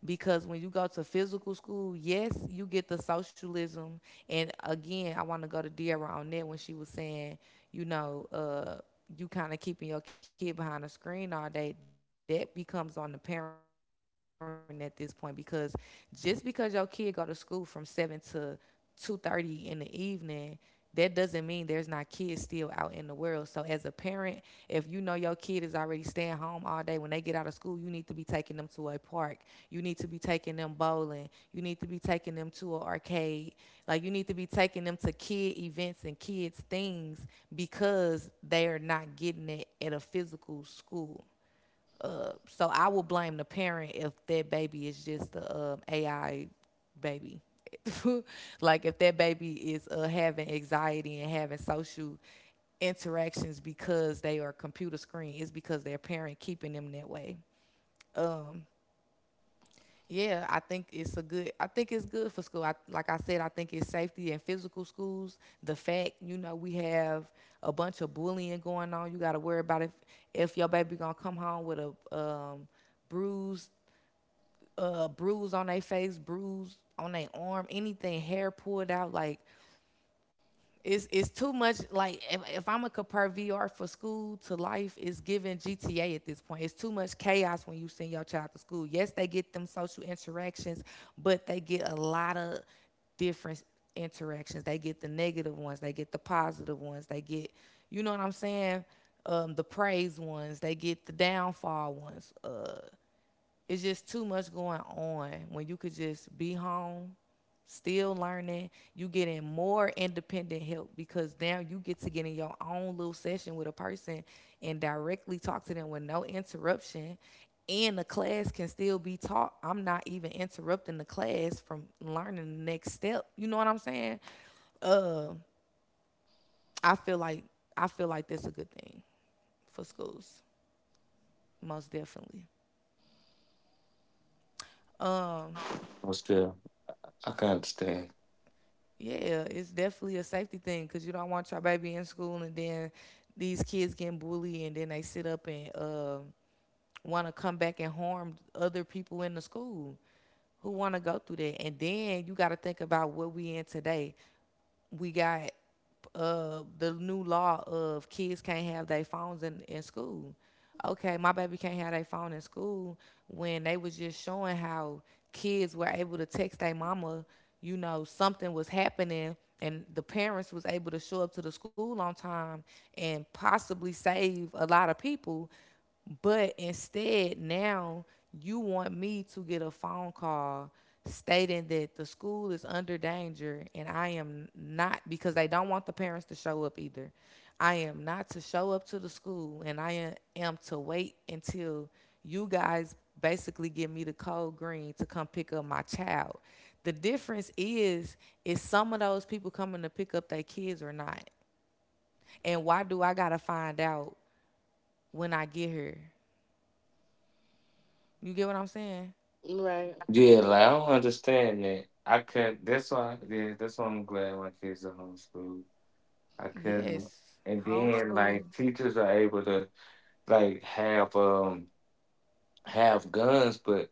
because when you go to physical school, yes, you get the socialism. And again, I want to go to Deira on that when she was saying, you know, you kind of keeping your kid behind a screen all day. That becomes on the parent at this point, because just because your kid go to school from 7 to 2:30 in the evening, that doesn't mean there's not kids still out in the world. So as a parent, if you know your kid is already staying home all day when they get out of school, you need to be taking them to a park. You need to be taking them bowling. You need to be taking them to an arcade. Like you need to be taking them to kid events and kids things because they are not getting it at a physical school. So I will blame the parent if that baby is just the AI baby. Like if that baby is having anxiety and having social interactions because they are computer screen, it's because their parent keeping them that way. Yeah, I think it's a good. I think it's good for school. I, like I said, I think it's safety and physical schools. The fact, you know, we have a bunch of bullying going on. You got to worry about if your baby gonna come home with a bruised bruise on their face, bruise on their arm, anything, hair pulled out, like it's too much. Like if I'm gonna compare VR for school to life, it's giving GTA at this point. It's too much chaos when you send your child to school. Yes, they get them social interactions, but they get a lot of different interactions. They get the negative ones, they get the positive ones, they get, you know what I'm saying? The praise ones, they get the downfall ones. It's just too much going on when you could just be home still learning, you getting more independent help because now you get to get in your own little session with a person and directly talk to them with no interruption, and the class can still be taught. I'm not even interrupting the class from learning the next step, you know what I'm saying? uh, i feel like I feel like that's a good thing for schools, most definitely.
But still, I can understand.
Yeah, it's definitely a safety thing because you don't want your baby in school and then these kids getting bullied and then they sit up and want to come back and harm other people in the school. Who want to go through that? And then you got to think about what we in today, we got the new law of kids can't have their phones in school. Okay, my baby can't have their phone in school when they was just showing how kids were able to text their mama, something was happening and the parents was able to show up to the school on time and possibly save a lot of people but instead, now you want me to get a phone call stating that the school is under danger and I am not, because they don't want the parents to show up either. I am not to show up to the school and I am to wait until you guys basically give me the code green to come pick up my child. The difference is some of those people coming to pick up their kids or not? And why do I gotta find out when I get here? You get what I'm saying?
Right.
Yeah, like I don't understand that. I couldn't. That's why. Yeah, that's why I'm glad my kids are homeschooled. I couldn't.
Yes.
And then like
Homeschool.
teachers are able to like have guns, but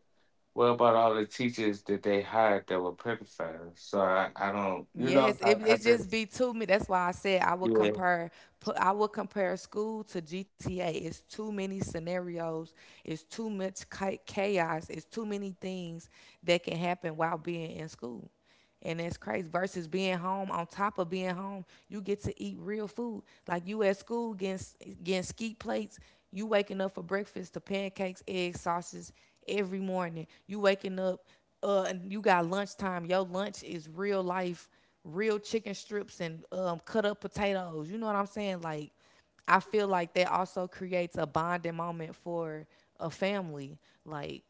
what about all the teachers that they hired that were pedophiles? So I don't. You know,
Yes, it
I
it just
just.
be too many. That's why I said I would
Yeah.
compare put I would compare school to GTA. It's too many scenarios. It's too much chaos. It's too many things that can happen while being in school. And that's crazy. Versus being home, on top of being home, you get to eat real food. Like you at school getting getting ski plates. You waking up for breakfast to pancakes, eggs, sausages every morning. You waking up and you got lunchtime. Your lunch is real life, real chicken strips and cut up potatoes. You know what I'm saying? Like, I feel like that also creates a bonding moment for a family. Like,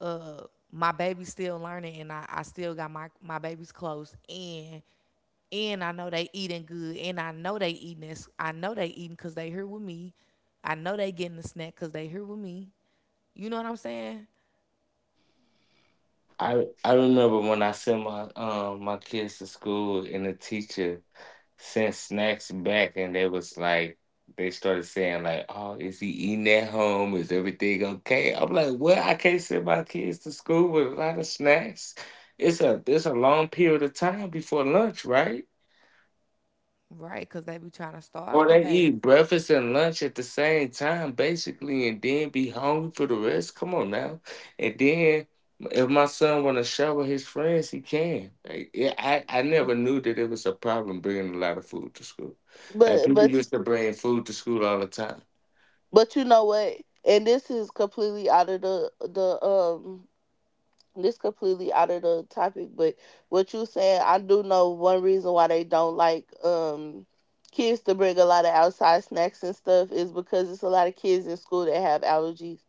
uh, my baby's still learning, and I still got my baby's clothes, and I know they eating good, and I know they eating this. I know they eating cause they here with me. I know they getting a snack cause they here with me. You know what I'm saying?
I remember when I sent my, my kids to school, and the teacher sent snacks back, and they started saying like, "Oh, is he eating at home? Is everything okay?" I'm like, "What? I can't send my kids to school with a lot of snacks. It's a long period of time before lunch, right?"
Right, cause they be trying to
Or
starve the
they
babies.
eat breakfast and lunch at the same time, basically, and then be hungry for the rest. Come on now. And then if my son want to show with his friends, he can. Like, yeah, I never knew that it was a problem bringing a lot of food to school. Like
But
people
but
used to bring food to school all the time.
but you know what? And this is completely out of the, this completely out of the topic, but what you saying, I do know one reason why they don't like, kids to bring a lot of outside snacks and stuff is because it's a lot of kids in school that have allergies.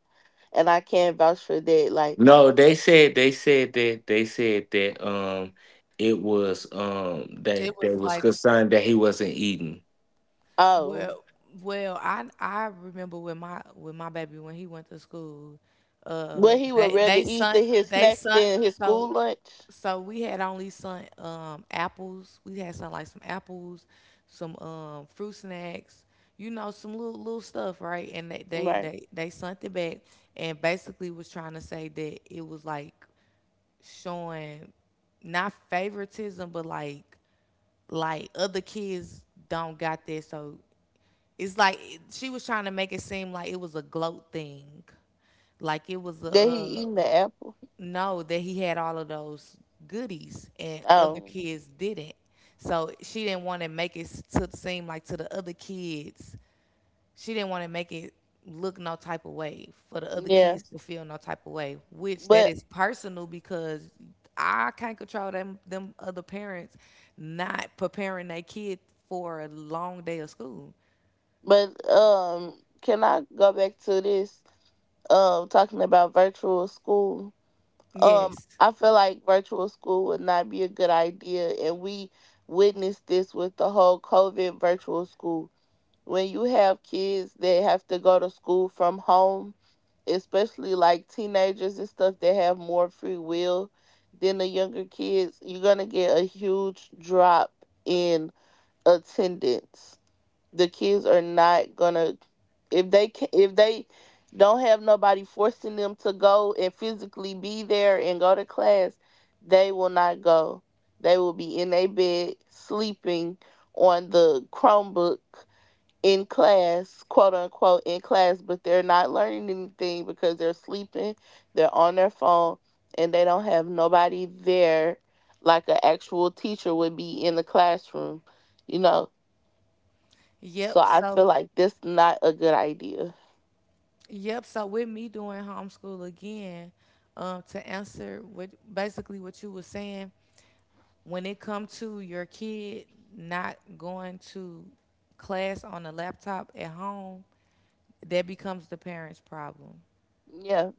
And I can vouch for that. Like,
No, they said, they said that it was,
It
that they
was
was
like,
concerned that he wasn't eating.
oh.
well, well, I remember with my baby when he went to school,
But he would
they
rather
they
eat
sent
his
they
snacks
sent
than his school
so
lunch.
so we had only sent apples. We had some like some apples, some fruit snacks, you know, some little little stuff, right? And they they
Right.
they they sent it back, and basically was trying to say that it was like showing not favoritism, but like other kids don't got this, so it's like she was trying to make it seem like it was a gloat thing, like it was a
That he eating the apple.
no that he had all of those goodies and other
Oh.
kids didn't. So she didn't want to make it to seem like to the other kids she didn't want to make it look no type of way for the other
Yeah.
kids to feel no type of way, which that
But
is personal because I can't control them other parents not preparing their kid for a long day of school.
but can I go back to this, talking about virtual school?
Yes.
I feel like virtual school would not be a good idea, and we witnessed this with the whole COVID virtual school. When you have kids that have to go to school from home, especially like teenagers and stuff that have more free will than the younger kids, you're going to get a huge drop in attendance. The kids are not going to if they don't have nobody forcing them to go and physically be there and go to class, they will not go. They will be in their bed sleeping on the Chromebook in class, quote unquote, in class, but they're not learning anything because they're sleeping, they're on their phone, and they don't have nobody there like an actual teacher would be in the classroom, you know. So
Yep.
I feel
So
like that's not a good idea.
yep. So with me doing homeschool again, to answer what basically what you were saying, when it come to your kid not going to class on a laptop at home, that becomes the parents' problem.
Yeah.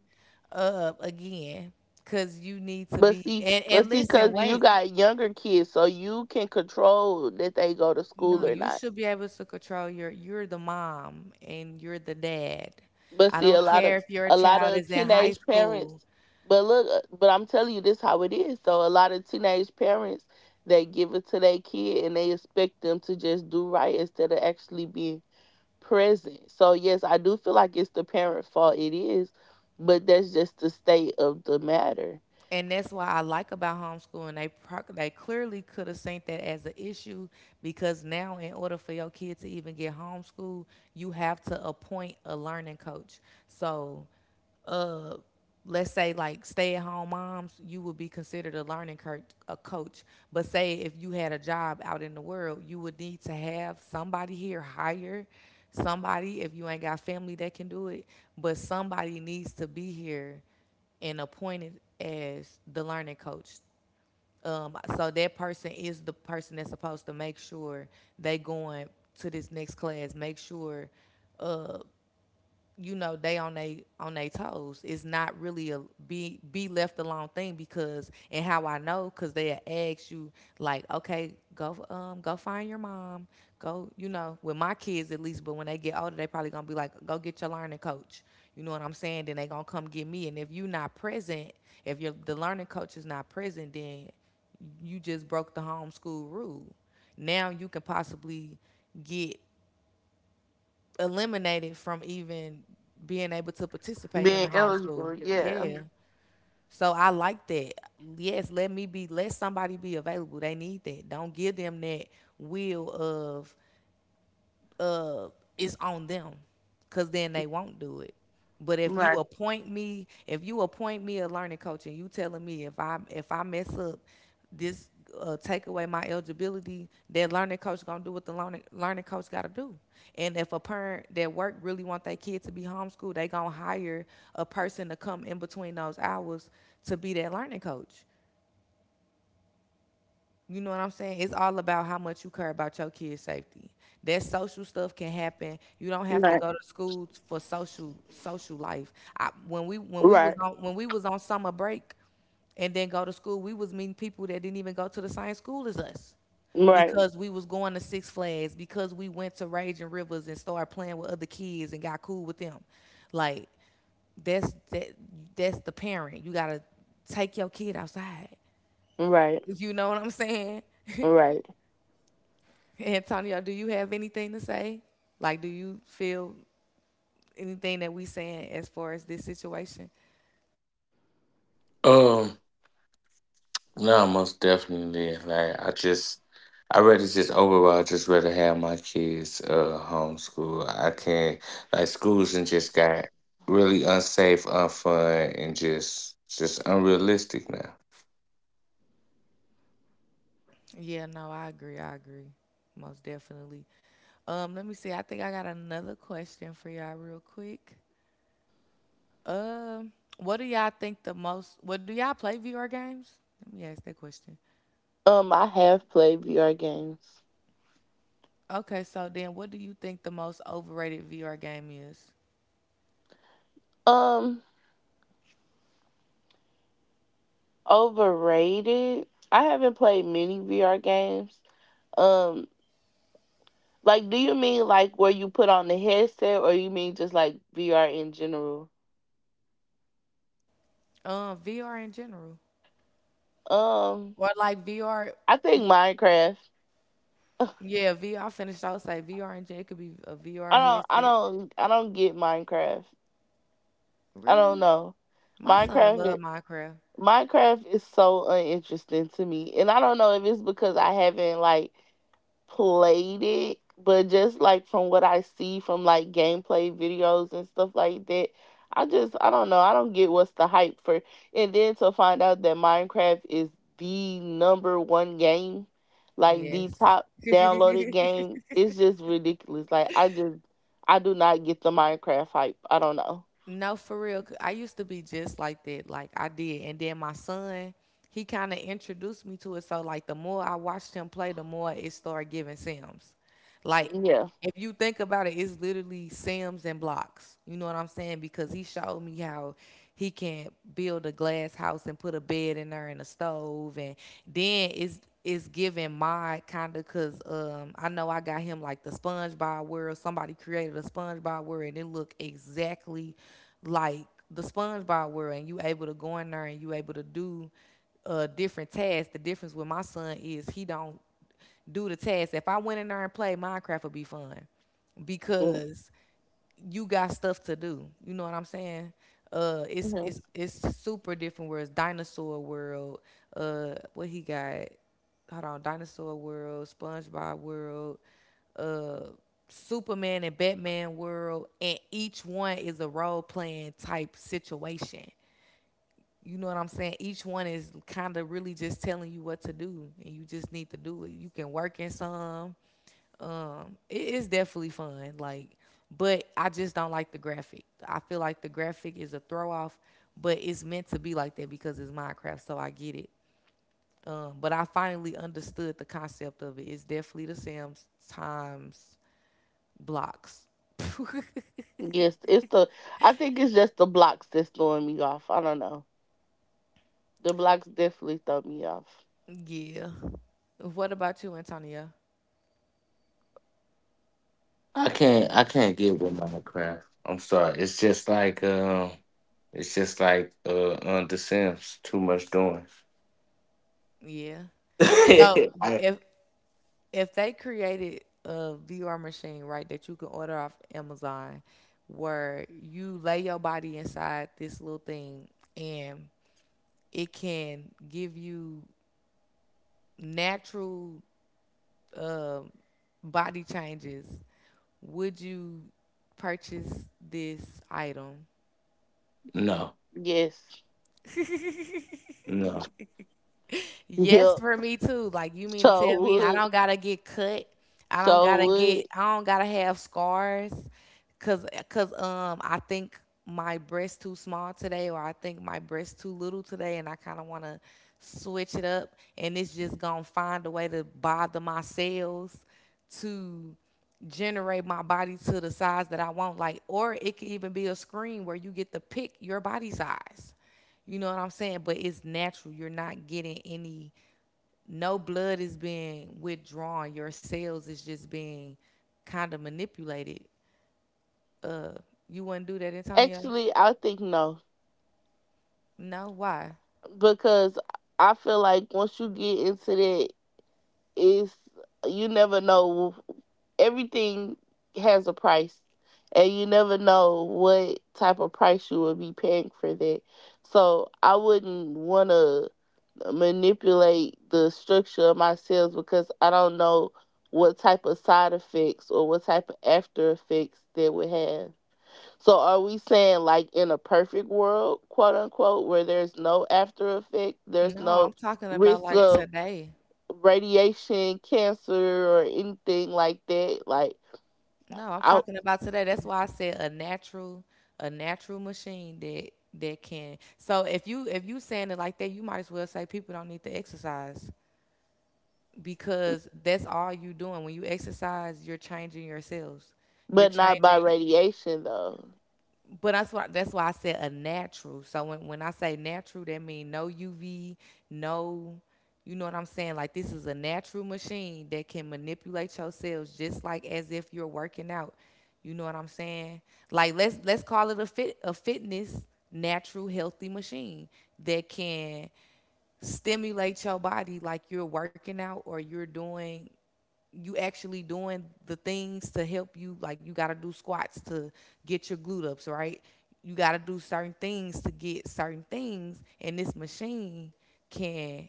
Again, because you need to
But
be
see,
and
but see,
listen,
cause you
wait.
got younger kids, so you can control that they go to school
No,
or
you
not.
should be able to control your you're the mom and you're the dad.
But
I
see, a
don't
lot of
care if your
A lot
child
of
is in high
teenage
school.
parents. But look, but I'm telling you, this how it is. So a lot of teenage parents they give it to their kid and they expect them to just do right instead of actually being present. So yes, I do feel like it's the parent fault. It is, but that's just the state of the matter.
And that's why I like about homeschooling. They clearly could have seen that as an issue because now, in order for your kid to even get homeschooled, you have to appoint a learning coach. So uh, let's say like stay at home moms, you would be considered a a coach. But say if you had a job out in the world, you would need to have somebody here hire somebody if you ain't got family that can do it. But somebody needs to be here and appointed as the learning coach. So that person is the person that's supposed to make sure they going to this next class, make sure uh, you know they on they toes. It's not really a be left alone thing because and how I know because they ask you like, okay, go go find your mom, go you know with my kids at least. But when they get older, they probably gonna be like, go get your learning coach. You know what I'm saying? Then they gonna come get me. And if you not present, if your the learning coach is not present, then you just broke the homeschool rule. Now you can possibly get eliminated from even being able to participate in the
Being
homeschool.
eligible, yeah,
Yeah. So I like that. Yes, let me be let somebody be available. They need that. Don't give them that will of uh, it's on them, cause then they won't do it. But
right,
if you appoint me a learning coach, and you telling me if I mess up, this take away my eligibility, that learning coach gonna do what the learning coach gotta do. And if a parent that work really want their kid to be homeschooled, they gonna hire a person to come in between those hours to be that learning coach. You know what I'm saying? It's all about how much you care about your kids' safety. That social stuff can happen. You don't have to
right,
go to school for social social life. I, when we was
right,
on when we was on summer break, and then go to school, we was meeting people that didn't even go to the same school as us
right,
because we was going to Six Flags, because we went to Raging Rivers and started playing with other kids and got cool with them. Like that's that that's the parent. You gotta take your kid outside.
right,
If you know what I'm saying.
right.
Antonio, do you have anything to say? Like, do you feel anything that we saying as far as this situation?
Um. No, most definitely. Like I rather just overall, I just rather have my kids, homeschool. I can't, like schools and just got really unsafe, unfun, and just unrealistic now.
Yeah, no, I agree. I agree, most definitely. Let me see. I think I got another question for y'all real quick. Um, what do y'all think the most? What do y'all play VR games? Let me ask that question.
I have played VR games.
Okay, so then, what do you think the most overrated VR game is?
Um. Overrated. I haven't played many VR games. Um, like, do you mean like where you put on the headset, or you mean just like VR in general?
VR in general,
Um,
or like VR?
I think Minecraft. I
Yeah, VR. I finished. I would say VR in general. It could be a VR headset.
I don't get Minecraft. I don't
Really?
know.
My son
Minecraft.
love Minecraft.
Minecraft is so uninteresting to me, and I don't know if it's because I haven't like played it, but just like from what I see from like gameplay videos and stuff like that, I don't know. I don't get what's the hype for. And then to find out that Minecraft is the number one game, like the
Yes.
top downloaded game, it's just ridiculous. I do not get the Minecraft hype. I don't know.
No, for real. 'Cause I used to be just like that. Like I did. And then my son, he kind of introduced me to it. So like the more I watched him play, the more it started giving Sims. Like
Yeah.
if you think about it, it's literally Sims and blocks. You know what I'm saying? Because he showed me how he can build a glass house and put a bed in there and a stove and then it's is giving my kind of because I know I got him like the SpongeBob world. Somebody created a SpongeBob world and it looked exactly like the SpongeBob world. And you able to go in there and you able to do different tasks. The difference with my son is he don't do the tasks. If I went in there and played Minecraft, would be fun because you got stuff to do. You know what I'm saying? Uh, it's
Mm-hmm.
it's it's super different. Where dinosaur world. What he got? Hold on, dinosaur world, SpongeBob world, uh, Superman and Batman world, and each one is a role playing type situation. You know what I'm saying? Each one is kind of really just telling you what to do, and you just need to do it. You can work in some, it is definitely fun. Like, but I just don't like the graphic. I feel like the graphic is a throw off, but it's meant to be like that because it's Minecraft, so I get it. But I finally understood the concept of it. It's definitely the Sims times blocks.
Yes, it's the. I think it's just the blocks that's throwing me off. I don't know. The blocks definitely throw me off.
Yeah. What about you, Antonia?
I can't get with Minecraft. I'm sorry. It's just like on the Sims, too much doing.
Yeah. So
I
if they created a VR machine, right, that you can order off Amazon, where you lay your body inside this little thing and it can give you natural um body changes, would you purchase this item?
No,
Yes.
no.
Yes,
Yep.
for me too. Like you mean to
So
tell me I
would.
don't gotta get cut.
So would.
I don't gotta have scars cuz I think my breast too small today or I think my breast too little today and I kind of want to switch it up and it's just going to find a way to bother my cells to generate my body to the size that I want like or it could even be a screen where you get to pick your body size. You know what I'm saying? But it's natural. You're not getting any, no blood is being withdrawn. Your cells is just being kind of manipulated. You wouldn't do that, Antonio?
Actually, I think no.
No, why?
Because I feel like once you get into that, it's, you never know. Everything has a price. And you never know what type of price you would be paying for that. So I wouldn't want to manipulate the structure of my sales because I don't know what type of side effects or what type of after effects they would have. So are we saying like in a perfect world, quote unquote, where there's no after effect, there's
No,
no
I'm talking about
risk
like
of
today.
radiation, cancer or anything like that, like
No, I'm
I
talking about today. That's why I said a natural machine that that can. So if you saying it like that, you might as well say people don't need to exercise. Because that's all you doing when you exercise, you're changing yourselves, you're
but not by
changing.
radiation though.
But that's why, that's why I said a natural. So when I say natural that means no UV, no, you know what I'm saying? Like this is a natural machine that can manipulate your cells just like as if you're working out. You know what I'm saying? Like let's call it a fitness natural healthy machine that can stimulate your body like you're working out or you're doing, you actually doing the things to help you. Like you got to do squats to get your glute ups right, you got to do certain things to get certain things, and this machine can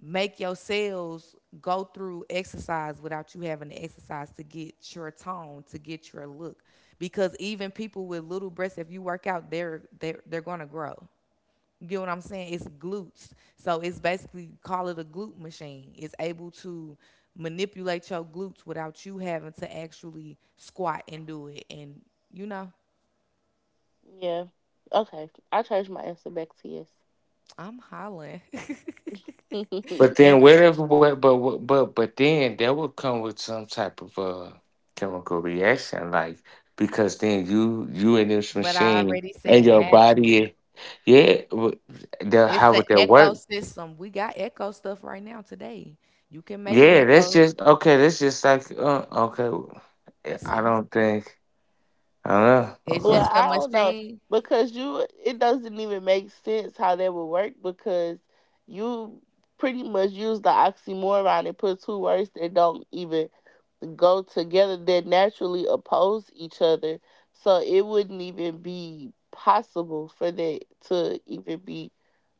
make your cells go through exercise without you having to exercise to get your tone to get your look. Because even people with little breasts, if you work out they're they're going to grow. You get what I'm saying? It's glutes. So it's basically call it a glute machine. It's able to manipulate your glutes without you having to actually squat and do it. And you know,
Yeah. Okay. I change my answer back to yes.
I'm hollering.
But
And
then, whatever, what, but then that would come with some type of, chemical reaction, like, because then you in this
but I
machine
already
and
said
your
natural.
body, yeah,
It's
how
an
would that work?
ecosystem. We got echo stuff right now today. You can make
Yeah, that's
echo.
just okay. That's just like, okay. I
See,
don't think. I don't know.
it's
Well,
Okay,
just a
I don't know.
machine,
Because you it doesn't even make sense how that would work because you pretty much use the oxymoron and put two words that don't even go together that naturally oppose each other. So it wouldn't even be possible for that to even be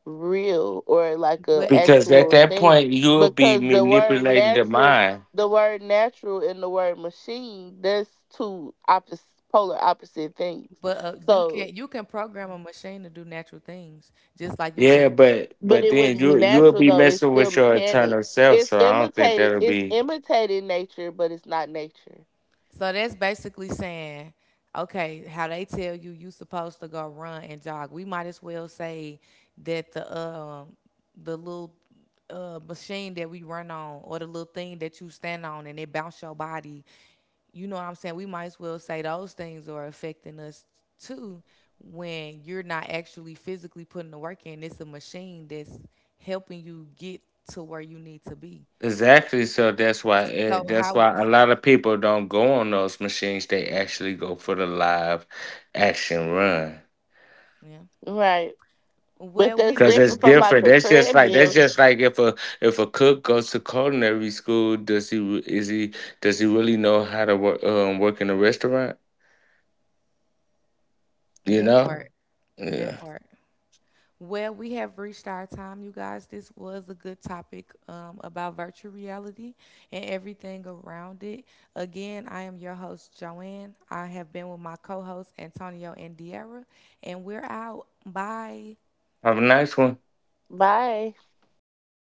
real or like a
but
because at
actual
that
thing
point you'll be
because
manipulating the mind.
the word natural and the word machine, that's two opposite polar opposite things.
but
So
you can program a machine to do natural things, just like you
Yeah,
can.
but
but
but
it
then
wouldn't be
you'll
natural
be
though, it's
messing
still
with your
mechanic,
eternal self. So I don't think that'll
it's
be.
imitated nature but it's not nature.
So that's basically saying, okay, how they tell you you supposed to go run and jog. We might as well say that the little machine that we run on or the little thing that you stand on and it bounce your body. You know what I'm saying? We might as well say those things are affecting us too when you're not actually physically putting the work in. It's a machine that's helping you get to where you need to be.
Exactly. So that's why,
So
that's
how
why a lot of people don't go on those machines. They actually go for the live action run,
yeah.
Right. But
Well, we
that's
because
reached
it's
different from like
different.
a
That's
treadmill.
just like if a, cook goes to culinary school, does he re- is he does he really know how to work in a restaurant? You
That
know.
part. That
Yeah.
part. Well, we have reached our time, you guys. This was a good topic about virtual reality and everything around it. Again, I am your host, Joanne. I have been with my co hosts, Antonio and Diarra, and we're out. Bye.
Have a nice one.
Bye.